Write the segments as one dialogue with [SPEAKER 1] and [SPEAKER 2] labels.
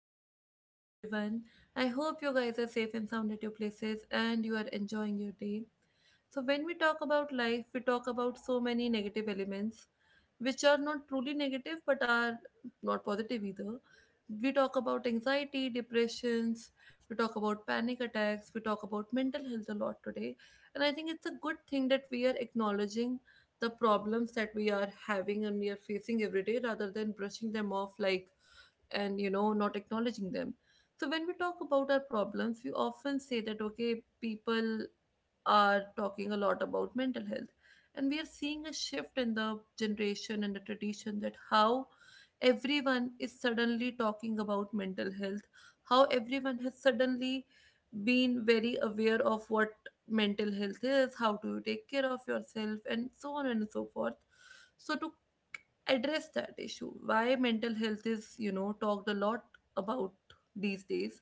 [SPEAKER 1] warm good morning to everyone. I hope you guys are safe and sound at your places and you are enjoying your day. So, when we talk about life, we talk about so many negative elements which are not truly negative but are not positive either. We talk about anxiety, depressions, we talk about panic attacks, we talk about mental health a lot today. And I think it's a good thing that we are acknowledging the problems that we are having and we are facing every day rather than brushing them off, like and you know not acknowledging them. So when we talk about our problems, we often say that, okay, people are talking a lot about mental health, and we are seeing a shift in the generation and the tradition, that how everyone is suddenly talking about mental health, how everyone has suddenly been very aware of what mental health is, how do you take care of yourself, and so on and so forth. So to address that issue, why mental health is, talked a lot about these days,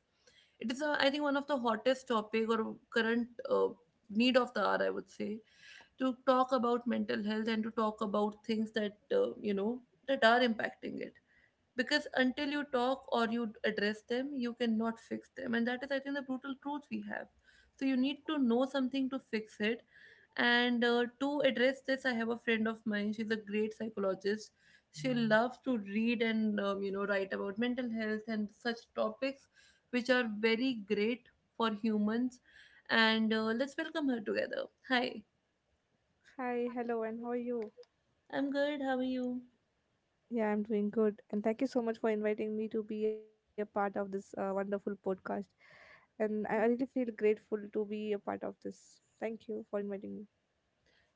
[SPEAKER 1] it is I think one of the hottest topic or current need of the hour, I would say, to talk about mental health and to talk about things that that are impacting it. Because until you talk or you address them, you cannot fix them, and that is, I think, the brutal truth we have. So you need to know something to fix it. And to address this, I have a friend of mine, she's a great psychologist, she loves to read and write about mental health and such topics which are very great for humans. And let's welcome her together. Hi.
[SPEAKER 2] Hi, hello, and how are you?
[SPEAKER 1] I'm good, how are you?
[SPEAKER 2] Yeah, I'm doing good. And thank you so much for inviting me to be a part of this wonderful podcast. And I really feel
[SPEAKER 1] Yeah.
[SPEAKER 2] grateful to be a part of this. Thank you for inviting me.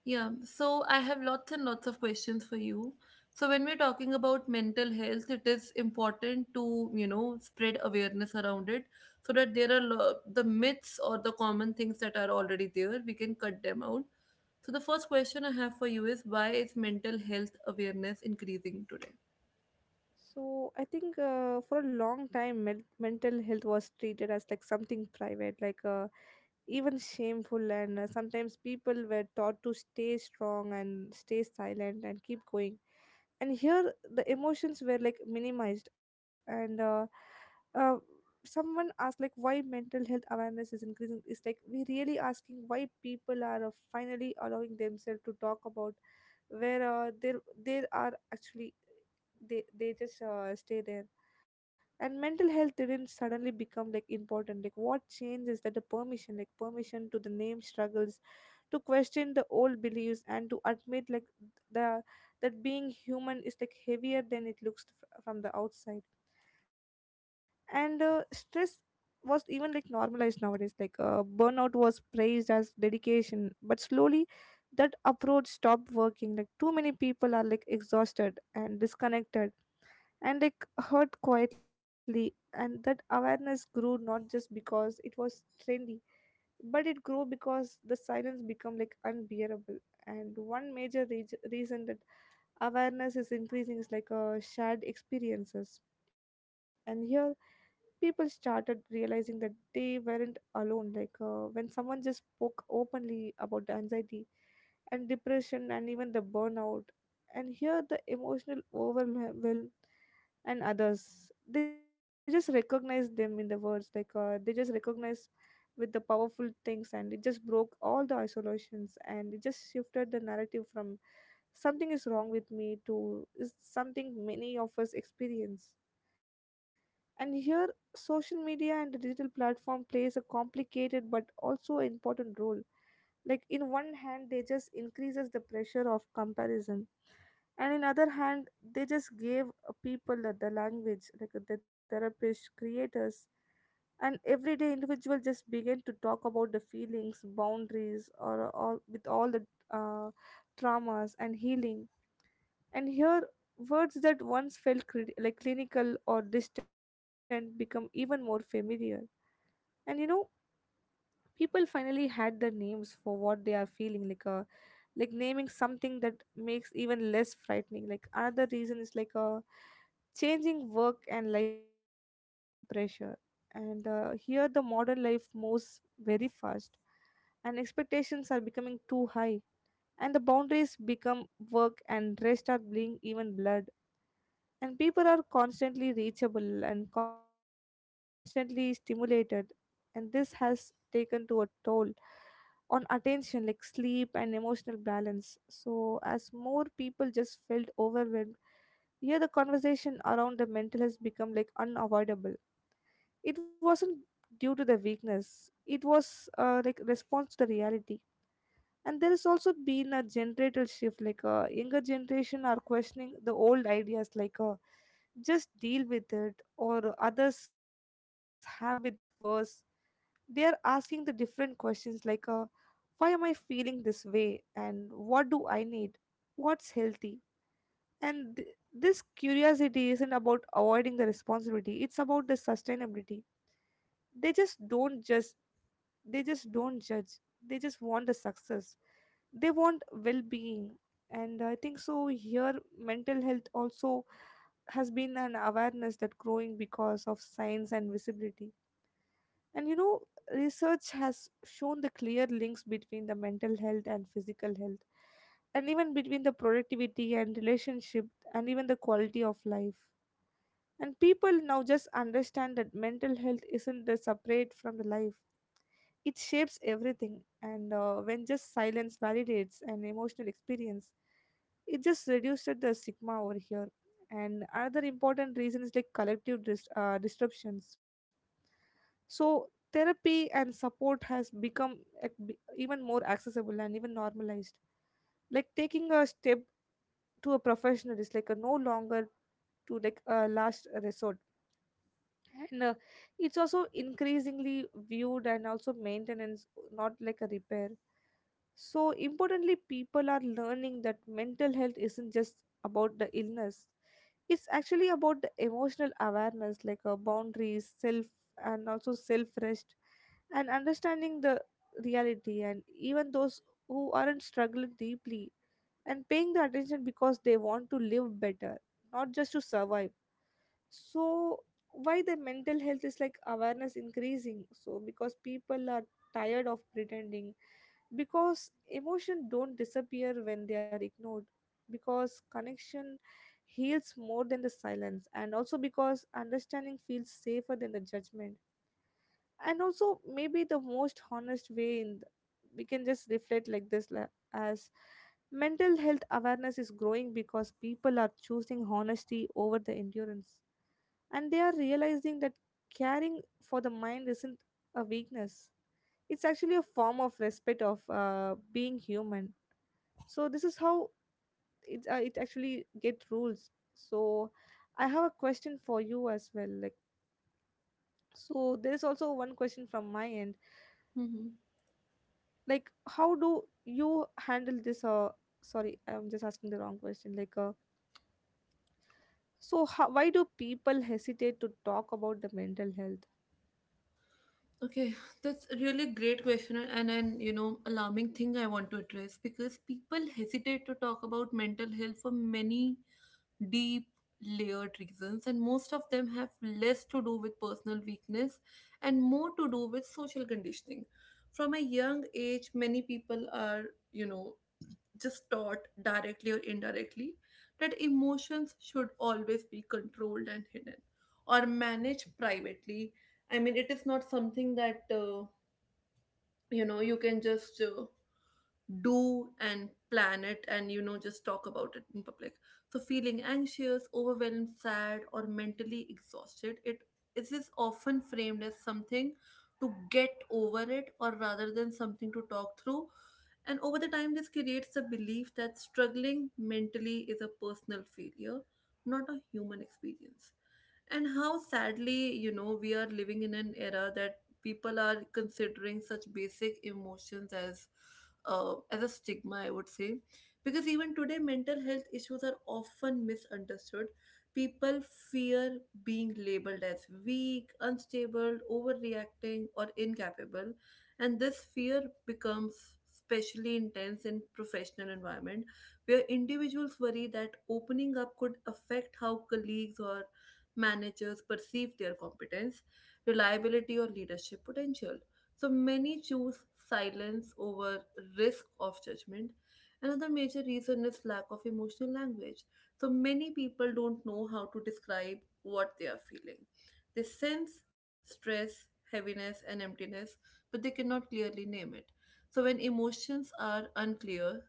[SPEAKER 1] Yeah, so I have lots and lots of questions for you. So when we're talking about mental health, it is important to, spread awareness around it, so that there are the myths or the common things that are already there, we can cut them out. So the first question I have for you is, why is mental health awareness increasing today?
[SPEAKER 2] So, I think for a long time, mental health was treated as like something private, like even shameful. And sometimes people were taught to stay strong and stay silent and keep going, and here the emotions were like minimized and uh, someone asked like why mental health awareness is increasing, it's like we really asking why people are finally allowing themselves to talk about where there there are actually they just stay there. And mental health didn't suddenly become like important, like what changed is that the permission, like permission to the name struggles, to question the old beliefs and to admit like the that being human is like heavier than it looks from the outside. And stress was even like normalized nowadays, like burnout was praised as dedication but slowly that approach stopped working, like too many people are like exhausted and disconnected and like hurt quietly. And that awareness grew not just because it was trendy, but it grew because the silence became like unbearable. And one major reason that awareness is increasing, it's like shared experiences. And here people started realizing that they weren't alone, like when someone just spoke openly about the anxiety and depression and even the burnout and here the emotional overwhelm, and others they just recognize them in the words, like they just recognize with the powerful things, and it just broke all the isolations, and it just shifted the narrative from something is wrong with me too is something many of us experience. And here social media and the digital platform plays a complicated but also important role. Like in one hand they just increases the pressure of comparison, and in other hand they just gave people the language, like the therapists creators and everyday individual just begin to talk about the feelings boundaries or all with all the uh, traumas and healing. And here words that once felt like clinical or distant become even more familiar. And you know people finally had the names for what they are feeling, like a, like naming something that makes even less frightening. Like another reason is like a changing work and life pressure. And here the modern life moves very fast, and expectations are becoming too high, and the boundaries become, work and rest are being even blurred, and people are constantly reachable and constantly stimulated, and this has taken to a toll on attention, like sleep and emotional balance. So as more people just felt overwhelmed, here the conversation around the mental has become like unavoidable. It wasn't due to the weakness, it was like response to the reality. And there has also been a generational shift, like a younger generation are questioning the old ideas, like just deal with it or others have it worse. They are asking the different questions, like why am I feeling this way and what do I need, what's healthy? And this curiosity isn't about avoiding the responsibility, it's about the sustainability. They just don't just, they just don't judge, they just want the success, they want well-being. And I think so here mental health also has been an awareness that growing because of science and visibility. And you know research has shown the clear links between the mental health and physical health, and even between the productivity and relationship, and even the quality of life. And people now just understand that mental health isn't a separate from the life. It shapes everything. And when just silence validates an emotional experience, it just reduced the stigma over here. And another important reason is like collective disruptions. So therapy and support has become like, even more accessible and even normalized. Like taking a step to a professional is like a no longer to like a last resort. And it's also increasingly viewed and also maintenance, not like a repair. So importantly people are learning that mental health isn't just about the illness, it's actually about the emotional awareness, like boundaries self and also self rest and understanding the reality. And even those who aren't struggling deeply and paying the attention because they want to live better, not just to survive. So why the mental health is like awareness increasing, so because people are tired of pretending, because emotion don't disappear when they are ignored, because connection heals more than the silence, and also because understanding feels safer than the judgment. And also maybe the most honest way in we can just reflect like as mental health awareness is growing because people are choosing honesty over the endurance. And they are realizing that caring for the mind isn't a weakness, it's actually a form of respect of being human. So this is how it actually get rules. So I have a question for you as well, like so there is also one question from my end,
[SPEAKER 1] Hmm.
[SPEAKER 2] like how do you handle this sorry, I'm just asking the wrong question, like so how, why do people hesitate to talk about the mental health?
[SPEAKER 1] Okay, that's a really great question, and an alarming thing I want to address, because people hesitate to talk about mental health for many deep, layered reasons, and most of them have less to do with personal weakness and more to do with social conditioning. From a young age, many people are, you know, just taught directly or indirectly that emotions should always be controlled and hidden or managed privately. I mean, it is not something that, you can just. Do and plan it and, you know, just talk about it in public. So feeling anxious, overwhelmed, sad, or mentally exhausted, it is often framed as something to get over, it or rather than something to talk through. And over the time, this creates the belief that struggling mentally is a personal failure, not a human experience. And how sadly, you know, we are living in an era that people are considering such basic emotions as a stigma, I would say. Because even today, mental health issues are often misunderstood. People fear being labeled as weak, unstable, overreacting, or incapable. And this fear becomes especially intense in professional environment, where individuals worry that opening up could affect how colleagues or managers perceive their competence, reliability, or leadership potential. So many choose silence over risk of judgment. Another major reason is lack of emotional language. So many people don't know how to describe what they are feeling. They sense stress, heaviness, and emptiness, but they cannot clearly name it. So when emotions are unclear,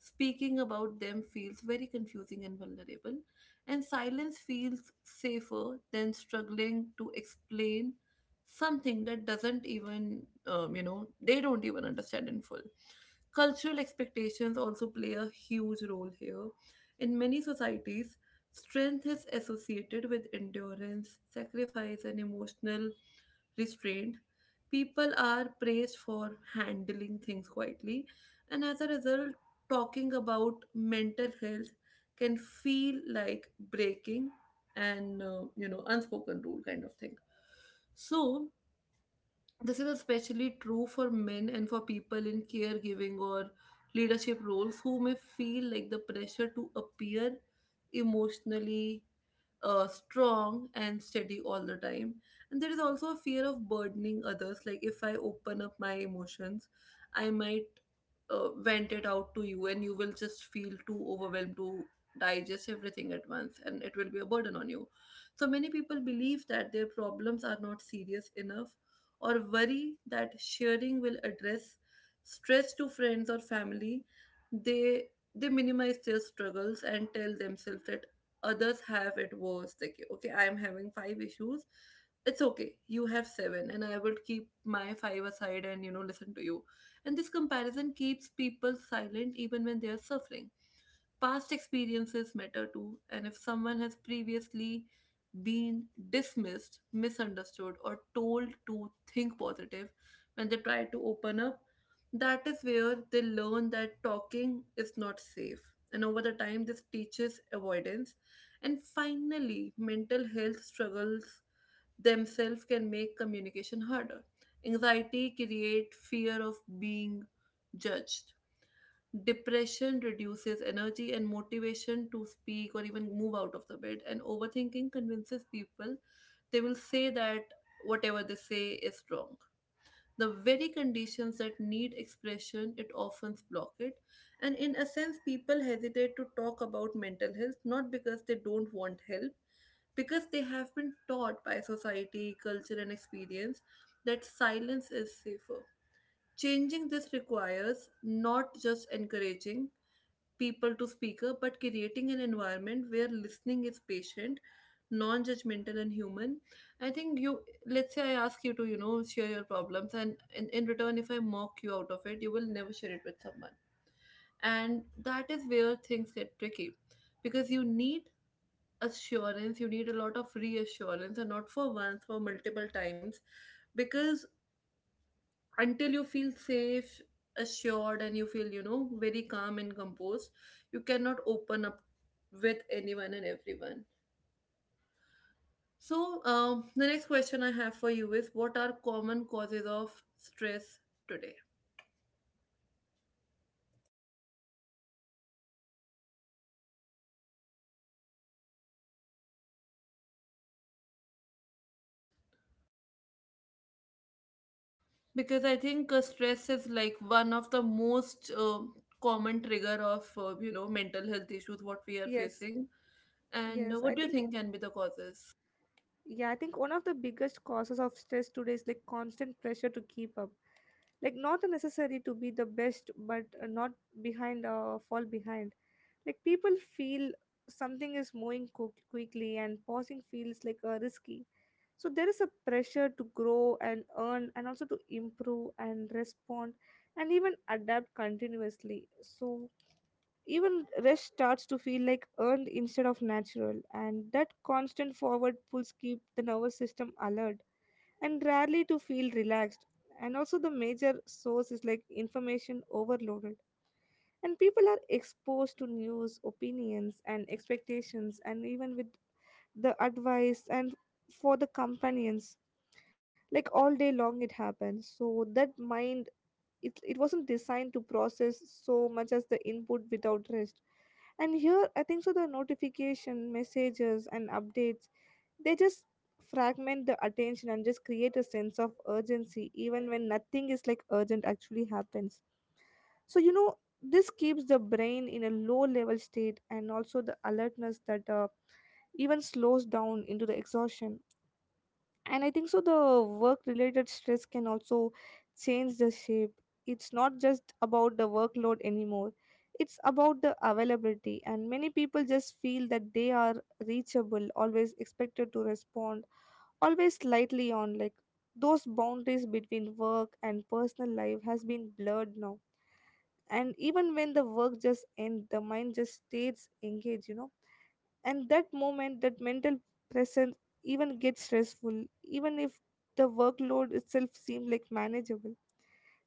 [SPEAKER 1] speaking about them feels very confusing and vulnerable. And silence feels safer than struggling to explain something that doesn't even, they don't even understand in full. Cultural expectations also play a huge role here. In many societies, strength is associated with endurance, sacrifice, and emotional restraint. People are praised for handling things quietly, and as a result, talking about mental health can feel like breaking an unspoken rule kind of thing. So this is especially true for men and for people in caregiving or leadership roles, who may feel like the pressure to appear emotionally strong and steady all the time. And there is also a fear of burdening others. Like, if I open up my emotions, I might vent it out to you, and you will just feel too overwhelmed to digest everything at once, and it will be a burden on you. So many people believe that their problems are not serious enough, or worry that sharing will address stress to friends or family. They minimize their struggles and tell themselves that others have it worse. Like, okay, I am having five issues. It's okay. You have seven, and I will keep my five aside and, you know, listen to you. And this comparison keeps people silent even when they are suffering. Past experiences matter too, and if someone has previously been dismissed, misunderstood, or told to think positive when they try to open up, that is where they learn that talking is not safe. And over the time, this teaches avoidance. And finally, mental health struggles themselves can make communication harder. Anxiety create fear of being judged. Depression reduces energy and motivation to speak or even move out of the bed. And overthinking convinces people they will say that whatever they say is wrong. The very conditions that need expression, it often block it. And in a sense, people hesitate to talk about mental health not because they don't want help, because they have been taught by society, culture, and experience that silence is safer. Changing this requires not just encouraging people to speaker, but creating an environment where listening is patient, non-judgmental, and human. I think, you, let's say I ask you to, you know, share your problems, and in return, if I mock you out of it, you will never share it with someone. And that is where things get tricky, because you need assurance, you need a lot of reassurance, and not for once, for multiple times. Because until you feel safe, assured, and you feel, you know, very calm and composed, you cannot open up with anyone and everyone. So the next question I have for you is, what are common causes of stress today? Because I think stress is like one of the most common trigger of, mental health issues what we are
[SPEAKER 2] Yes.
[SPEAKER 1] facing. And
[SPEAKER 2] Yes,
[SPEAKER 1] what
[SPEAKER 2] I
[SPEAKER 1] do you
[SPEAKER 2] think.
[SPEAKER 1] think can be the causes?
[SPEAKER 2] Yeah, I think one of the biggest causes of stress today is like constant pressure to keep up. Like not necessary to be the best, but not behind fall behind. Like people feel something is moving quickly, and pausing feels like risky. So there is a pressure to grow and earn, and also to improve and respond, and even adapt continuously. So even rest starts to feel like earned instead of natural, and that constant forward pulls keep the nervous system alert and rarely to feel relaxed. And also, the major source is like information overloaded, and people are exposed to news, opinions, and expectations, and even with the advice and for the companions, like all day long it happens so that mind, it wasn't designed to process so much as the input without rest. And here I think so the notification messages and updates they just fragment the attention and just create a sense of urgency even when nothing is like urgent actually happens. So you know this keeps the brain in a low level state and also the alertness that even slows down into the exhaustion. And I think so the work related stress can also change the shape. It's not just about the workload anymore, it's about the availability, and many people just feel that they are reachable, always expected to respond, always slightly on. Like those boundaries between work and personal life has been blurred now, and even when the work just ends the mind just stays engaged, you know, and that moment that mental presence even gets stressful, even if the workload itself seems like manageable.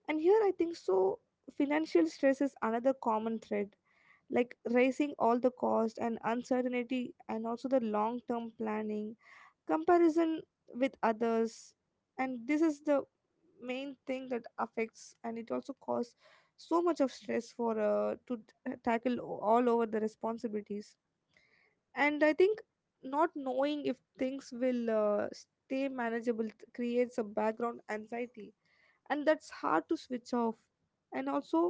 [SPEAKER 2] And here I think so financial stress is another common thread, like raising all the cost and uncertainty, and also the long term planning, comparison with others. And this is the main thing that affects, and it also causes so much of stress for to tackle all over the responsibilities. And I think not knowing if things will stay manageable creates a background anxiety, and that's hard to switch off. And also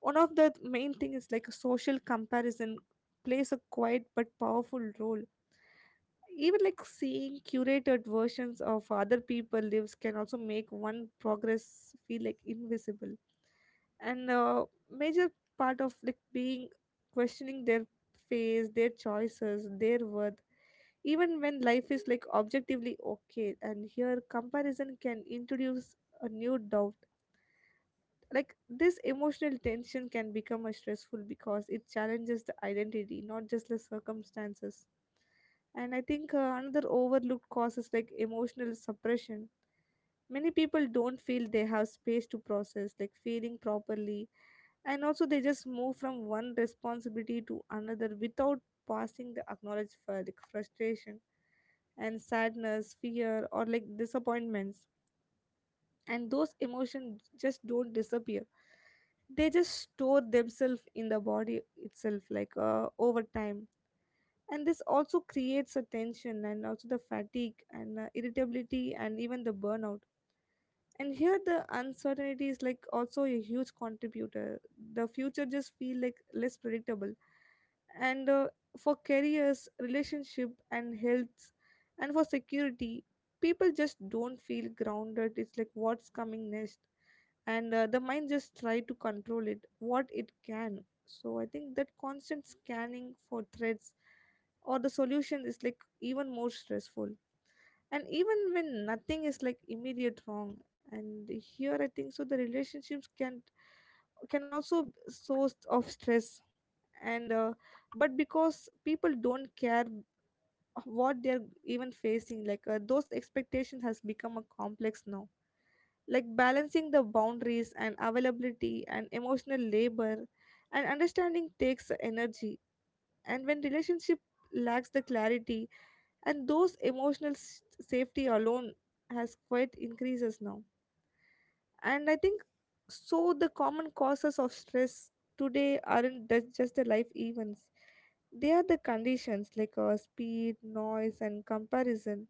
[SPEAKER 2] one of the main thing is like a social comparison plays a quiet but powerful role. Even like seeing curated versions of other people lives can also make one progress feel like invisible. And major part of like being questioning their face, their choices, their worth. Even when life is like objectively okay, and here comparison can introduce a new doubt. Like this emotional tension can become a stressful because it challenges the identity, not just the circumstances. And I think another overlooked cause is like emotional suppression. Many people don't feel they have space to process, like feeling properly, and also they just move from one responsibility to another without passing the acknowledge for like frustration and sadness, fear, or like disappointments. And those emotions just don't disappear. They just store themselves in the body itself, like over time, and this also creates a tension and also the fatigue and irritability and even the burnout. And here the uncertainty is like also a huge contributor. The future just feel like less predictable, and for careers, relationship and health and for security, people just don't feel grounded. It's like what's coming next, and the mind just try to control it what it can. So I think that constant scanning for threats or the solution is like even more stressful, and even when nothing is like immediate wrong. And here I think so the relationships can also source of stress. And uh, but because people don't care what they're even facing, like those expectations has become a complex now, like balancing the boundaries and availability and emotional labor and understanding takes energy. And when relationship lacks the clarity and those emotional safety alone has quite increases now. And I think so the common causes of stress today aren't just the life events. They are the conditions like speed, noise and comparison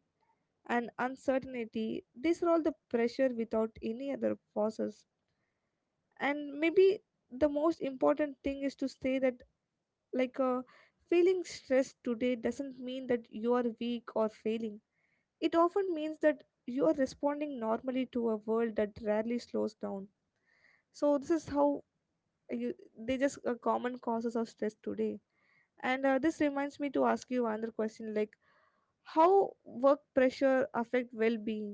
[SPEAKER 2] and uncertainty. These are all the pressure without any other forces. And maybe the most important thing is to say that, like feeling stressed today doesn't mean that you are weak or failing. It often means that you are responding normally to a world that rarely slows down. So this is how you, they just common causes of stress today. And This reminds me to ask you another question, like how work pressure affect well-being?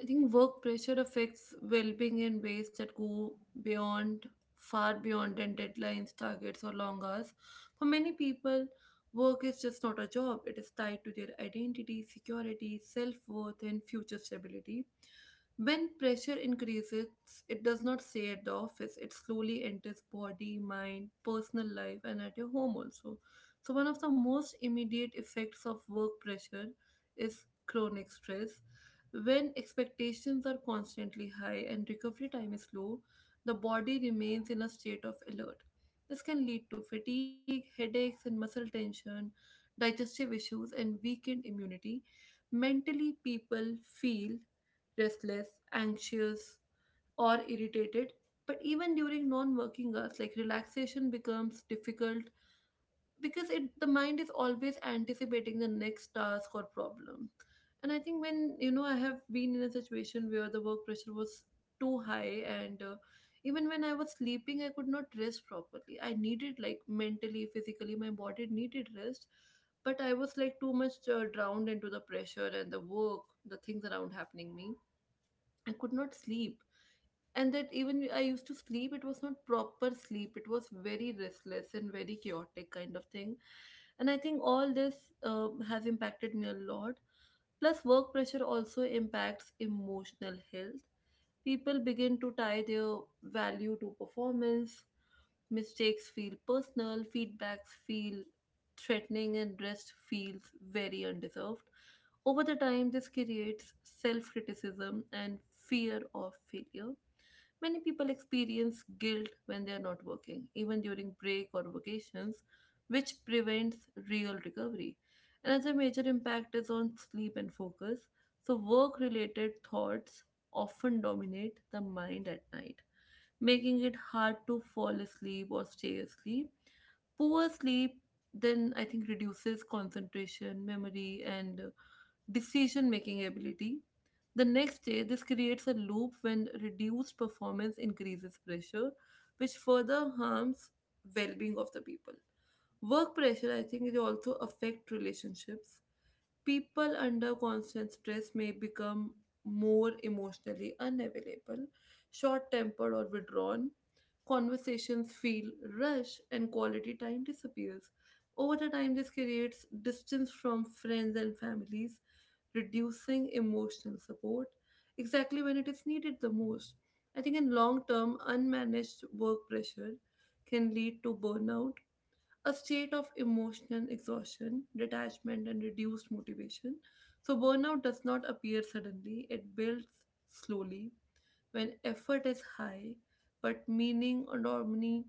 [SPEAKER 1] I think work pressure affects well-being in ways that go beyond, far beyond than deadlines, targets, or long hours. For many people, work is just not a job. It is tied to their identity, security, self-worth, and future stability. When pressure increases, it does not stay at the office. It slowly enters body, mind, personal life, and at your home also. So one of the most immediate effects of work pressure is chronic stress. When expectations are constantly high and recovery time is low, the body remains in a state of alert. This can lead to fatigue, headaches, and muscle tension, digestive issues, and weakened immunity. Mentally, people feel restless, anxious, or irritated. But even during non working hours, like, relaxation becomes difficult because it the mind is always anticipating the next task or problem. And I think, when, you know, I have been in a situation where the work pressure was too high, and even when I was sleeping, I could not rest properly. I needed, like, mentally, physically, my body needed rest, but I was like too much drowned into the pressure and the work, the things around happening me, I could not sleep. And that, even I used to sleep, it was not proper sleep, it was very restless and very chaotic kind of thing. And I think all this has impacted me a lot. Plus, work pressure also impacts emotional health. People begin to tie their value to performance. Mistakes feel personal, feedbacks feel threatening, and rest feels very undeserved. Over the time, this creates self-criticism and fear of failure. Many people experience guilt when they are not working, even during break or vacations, which prevents real recovery. Another major impact is on sleep and focus. So, work related thoughts often dominate the mind at night, making it hard to fall asleep or stay asleep. Poor sleep then, I think, reduces concentration, memory, and decision making ability. The next day, this creates a loop when reduced performance increases pressure, which further harms well being of the people. Work pressure, I think, it also affect relationships. People under constant stress may become more emotionally unavailable, short tempered, or withdrawn. Conversations feel rushed, and quality time disappears. Over the time, this creates distance from friends and families, reducing emotional support exactly when it is needed the most. I think in long term, unmanaged work pressure can lead to burnout, a state of emotional exhaustion, detachment, and reduced motivation. So, burnout does not appear suddenly, it builds slowly. When effort is high, but meaning or harmony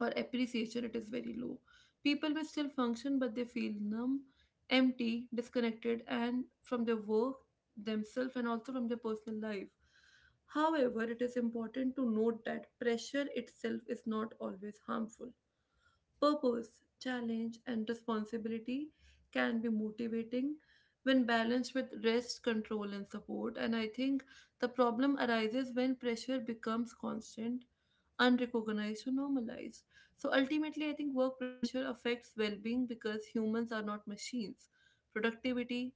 [SPEAKER 1] or appreciation, it is very low. People may still function, but they feel numb, empty, disconnected, and from their work, themselves, and also from their personal life. However, it is important to note that pressure itself is not always harmful. Purpose, challenge, and responsibility can be motivating when balanced with rest, control, and support. And I think the problem arises when pressure becomes constant, unrecognized or normalized. So ultimately, I think work pressure affects well being because humans are not machines. Productivity,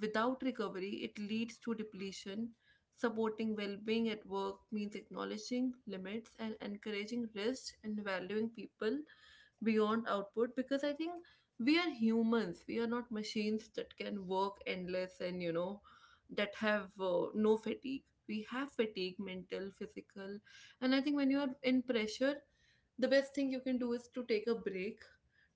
[SPEAKER 1] without recovery, it leads to depletion. Supporting well being at work means acknowledging limits and encouraging rest and valuing people beyond output, because I think we are humans, we are not machines that can work endless and you know that have no fatigue. We have fatigue, mental, physical, and I think when you are in pressure, the best thing you can do is to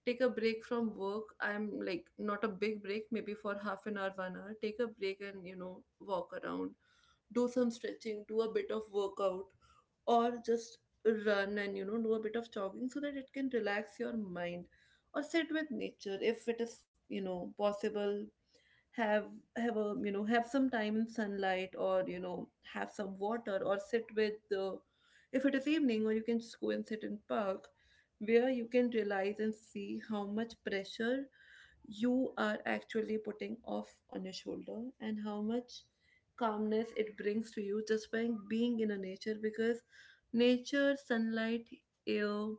[SPEAKER 1] take a break from work. I'm like, not a big break, maybe for half an hour, 1 hour. Take a break and you know, walk around, do some stretching, do a bit of workout, or just run and you know, do a bit of jogging, so that it can relax your mind. Or sit with nature, if it is you know, possible. have have a, you know, have some time in sunlight, or you know, have some water or sit with the, if it is evening, or you can just go and sit in park, where you can realize and see how much pressure you are actually putting off on your shoulder, and how much calmness it brings to you just by being in a nature. Because nature, sunlight, air,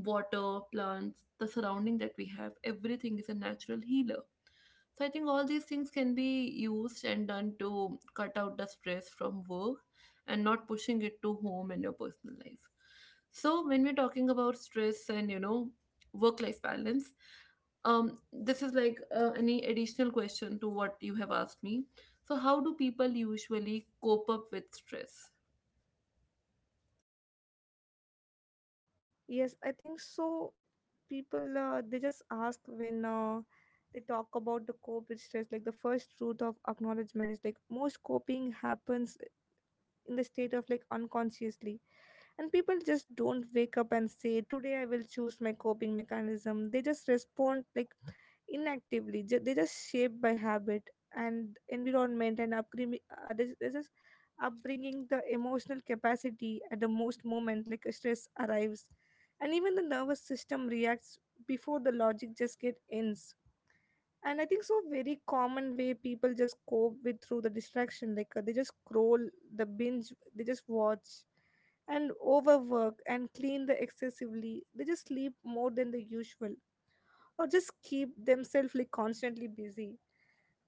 [SPEAKER 1] water, plants, the surrounding that we have, everything is a natural healer. So I think all these things can be used and done to cut out the stress from work and not pushing it to home and your personal life. So when we're talking about stress and you know, work-life balance, this is like any additional question to what you have asked me. So how do people usually cope up with stress?
[SPEAKER 2] Yes, I think so. People they just ask when they talk about the cope with stress, like the first route of acknowledgement is like most coping happens in the state of like unconsciously. And people just don't wake up and say today I will choose my coping mechanism. They just respond like inactively. They just shaped by habit and environment and upbringing. They just upbringing the emotional capacity at the most moment, like a stress arrives, and even the nervous system reacts before the logic just get ends. And I think so very common way people just cope with through the distraction, like they just scroll, the binge they just watch, and overwork and clean the excessively, they just sleep more than the usual or just keep themselves like constantly busy.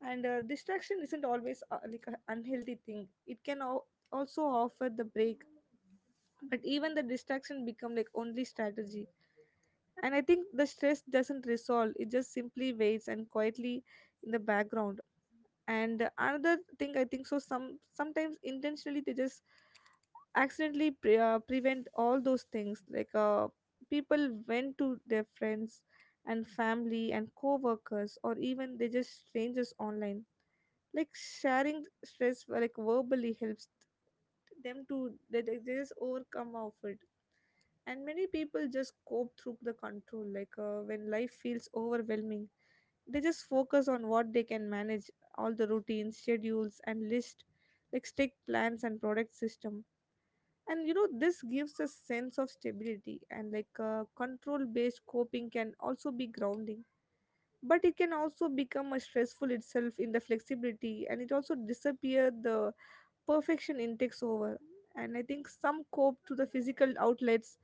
[SPEAKER 2] And Distraction isn't always like an unhealthy thing. It can also offer the break, but even the distraction become like only strategy, and I think the stress doesn't resolve, it just simply waits and quietly in the background. And another thing, I think so sometimes intentionally they just accidentally prevent all those things, like people went to their friends and family and co-workers, or even they just strangers online, like sharing stress, like verbally helps them to they just overcome of it. And many people just cope through the control, like when life feels overwhelming, they just focus on what they can manage, all the routines, schedules and list, like strict plans and product system. And you know, this gives a sense of stability, and like control based coping can also be grounding, but it can also become a stressful itself in the flexibility, and it also disappear the perfection in takes over. And I think some cope to the physical outlets,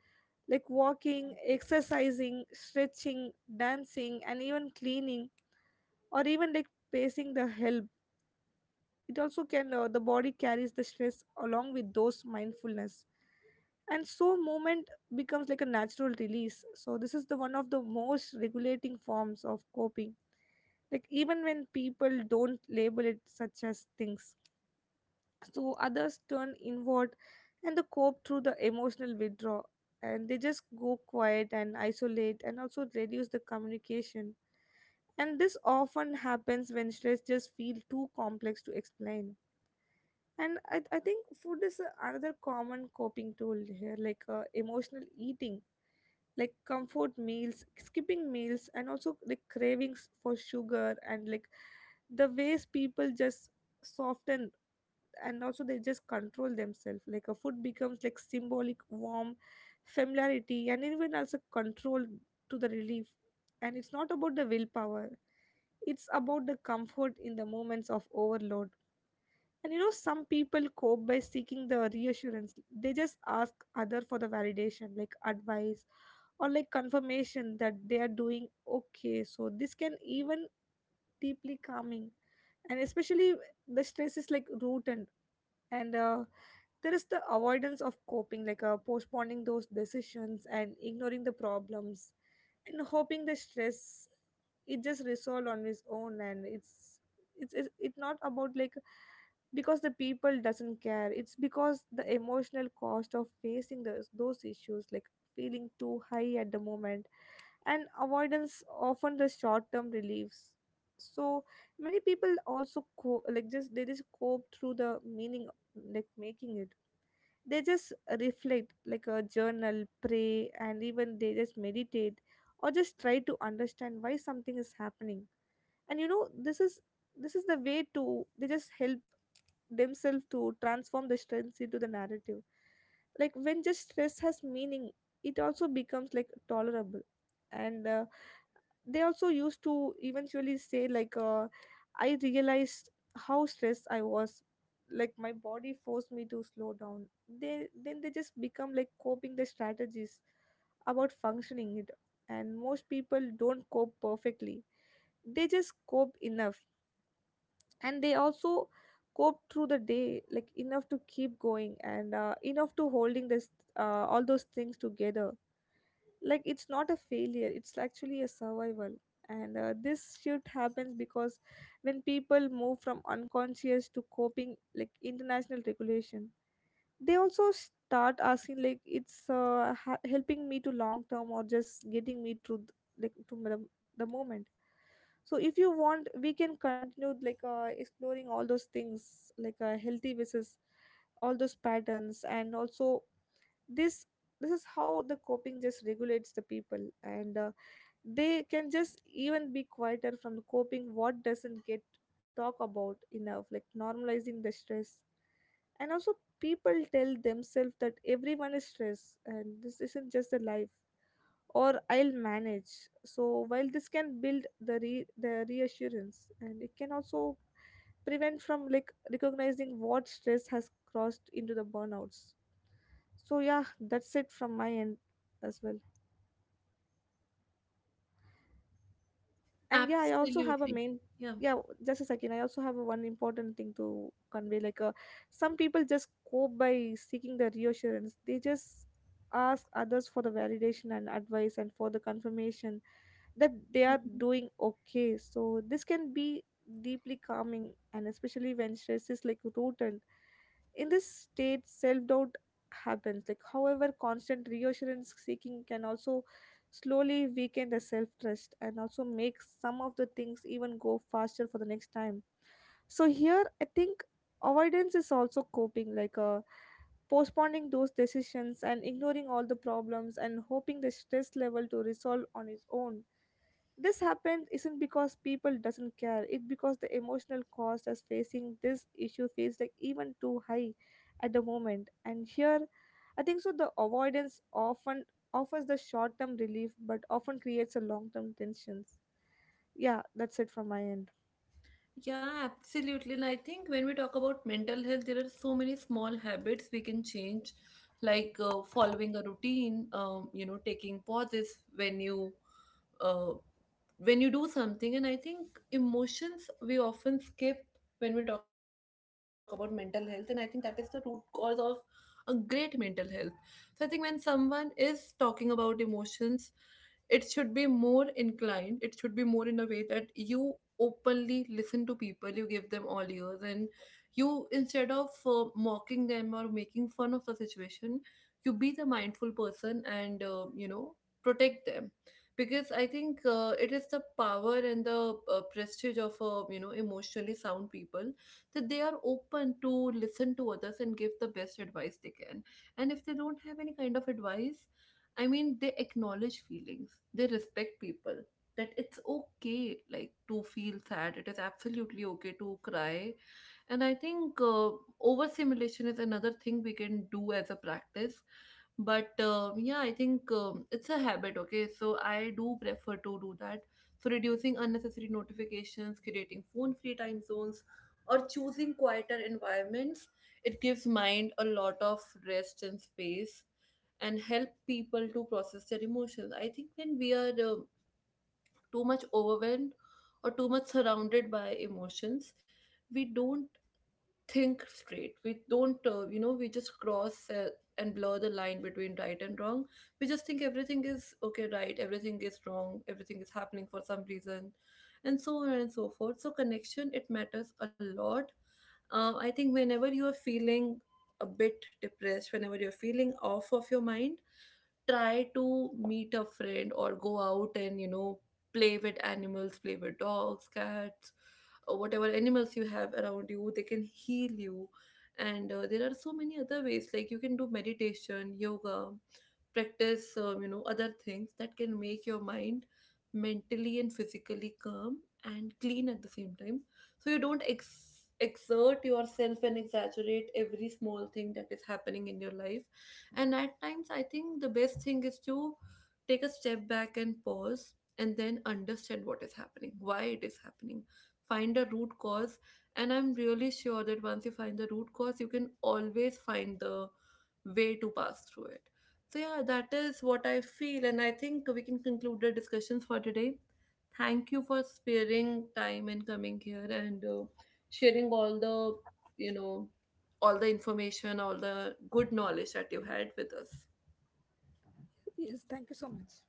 [SPEAKER 2] like walking, exercising, stretching, dancing and even cleaning, or even like pacing the help. It also can, the body carries the stress along with those mindfulness, and so movement becomes like a natural release. So this is the one of the most regulating forms of coping, like even when people don't label it such as things. So others turn inward and they cope through the emotional withdrawal, and they just go quiet and isolate and also reduce the communication. And this often happens when stress just feels too complex to explain. And I think food is another common coping tool here, like emotional eating, like comfort meals, skipping meals, and also like cravings for sugar, and like the ways people just soften and also they just control themselves, like a food becomes like symbolic warm familiarity and even also control to the relief. And it's not about the willpower, it's about the comfort in the moments of overload. And you know, some people cope by seeking the reassurance. They just ask other for the validation, like advice or like confirmation that they are doing okay. So this can even deeply calming, and especially the stress is like rooted, and there is the avoidance of coping, like postponing those decisions and ignoring the problems and hoping the stress it just resolve on its own. And it's not about like because the people doesn't care, it's because the emotional cost of facing those issues like feeling too high at the moment, and avoidance often the short term reliefs. So many people also like just they just cope through the meaning, like making it they just reflect, like a journal, pray and even they just meditate, or just try to understand why something is happening. And you know, this is the way to they just help themselves to transform the stress into the narrative, like when just stress has meaning, it also becomes like tolerable. And They also used to eventually say, like I realized how stressed I was, like my body forced me to slow down. They then they just become like coping the strategies about functioning it. And most people don't cope perfectly, they just cope enough, and they also cope through the day like enough to keep going and enough to holding this all those things together. Like it's not a failure, it's actually a survival. And This shift happens because when people move from unconscious to coping like international regulation, they also start asking like it's helping me to long term, or just getting me through like to the moment. So if you want, we can continue like exploring all those things, like healthy versus all those patterns. And also this this is how the coping just regulates the people, and they can just even be quieter from the coping what doesn't get talk about enough, like normalizing the stress. And also people tell themselves that everyone is stressed and this isn't just a life, or I'll manage. So while this can build the reassurance, and it can also prevent from like recognizing what stress has crossed into the burnouts. So yeah, that's it from my end as well. And yeah, I also have a
[SPEAKER 1] Absolutely.
[SPEAKER 2] main
[SPEAKER 1] Yeah.
[SPEAKER 2] yeah, just a second. I also have a one important thing to convey. Like some people just cope by seeking the reassurance. They just ask others for the validation and advice and for the confirmation that they are
[SPEAKER 1] Mm-hmm.
[SPEAKER 2] doing okay. So this can be deeply calming, and especially when stress is like rotten in this state, self-doubt happens. Like however, constant reassurance seeking can also slowly weaken the self-trust and also make some of the things even go faster for the next time. So here I think avoidance is also coping, like postponing those decisions and ignoring all the problems and hoping the stress level to resolve on its own. This happened isn't because people doesn't care, it because the emotional cost as facing this issue feels like even too high at the moment. And here I think so the avoidance often offers the short term relief, but often creates a long term tensions. Yeah, that's it from my end.
[SPEAKER 1] Yeah, absolutely. And I think when we talk about mental health, there are so many small habits we can change, like following a routine, you know, taking pauses uh, when you do something. And I think emotions we often skip when we talk about mental health, and I think that is the root cause of a great mental health. So I think when someone is talking about emotions, it should be more inclined, it should be more in a way that you openly listen to people, you give them all ears, and you instead of mocking them or making fun of the situation, you be the mindful person and you know, protect them. Because I think it is the power and the prestige of you know, emotionally sound people, that they are open to listen to others and give the best advice they can. And if they don't have any kind of advice, I mean, they acknowledge feelings, they respect people, that it's okay, like to feel sad, it is absolutely okay to cry. And I think overstimulation is another thing we can do as a practice. But yeah, I think it's a habit, okay? So I do prefer to do that. So reducing unnecessary notifications, creating phone free time zones, or choosing quieter environments, it gives mind a lot of rest and space, and help people to process their emotions. I think when we are too much overwhelmed or too much surrounded by emotions, we don't think straight, we don't you know, we just cross and blur the line between right and wrong. We just think everything is okay, right, everything is wrong, everything is happening for some reason, and so on and so forth. So connection, it matters a lot. I think whenever you are feeling a bit depressed, whenever you're feeling off of your mind, try to meet a friend or go out, and you know, play with animals, play with dogs, cats, or whatever animals you have around you, they can heal you. And there are so many other ways, like you can do meditation, yoga practice, you know, other things that can make your mind mentally and physically calm and clean at the same time, so you don't exert yourself and exaggerate every small thing that is happening in your life. And at times, I think the best thing is to take a step back and pause, and then understand what is happening, why it is happening, find a root cause. And I'm really sure that once you find the root cause, you can always find the way to pass through it. So yeah, that is what I feel, and I think we can conclude the discussions for today. Thank you for sparing time and coming here, and sharing all the, you know, all the information, all the good knowledge that you had with us.
[SPEAKER 2] Yes, thank you so much.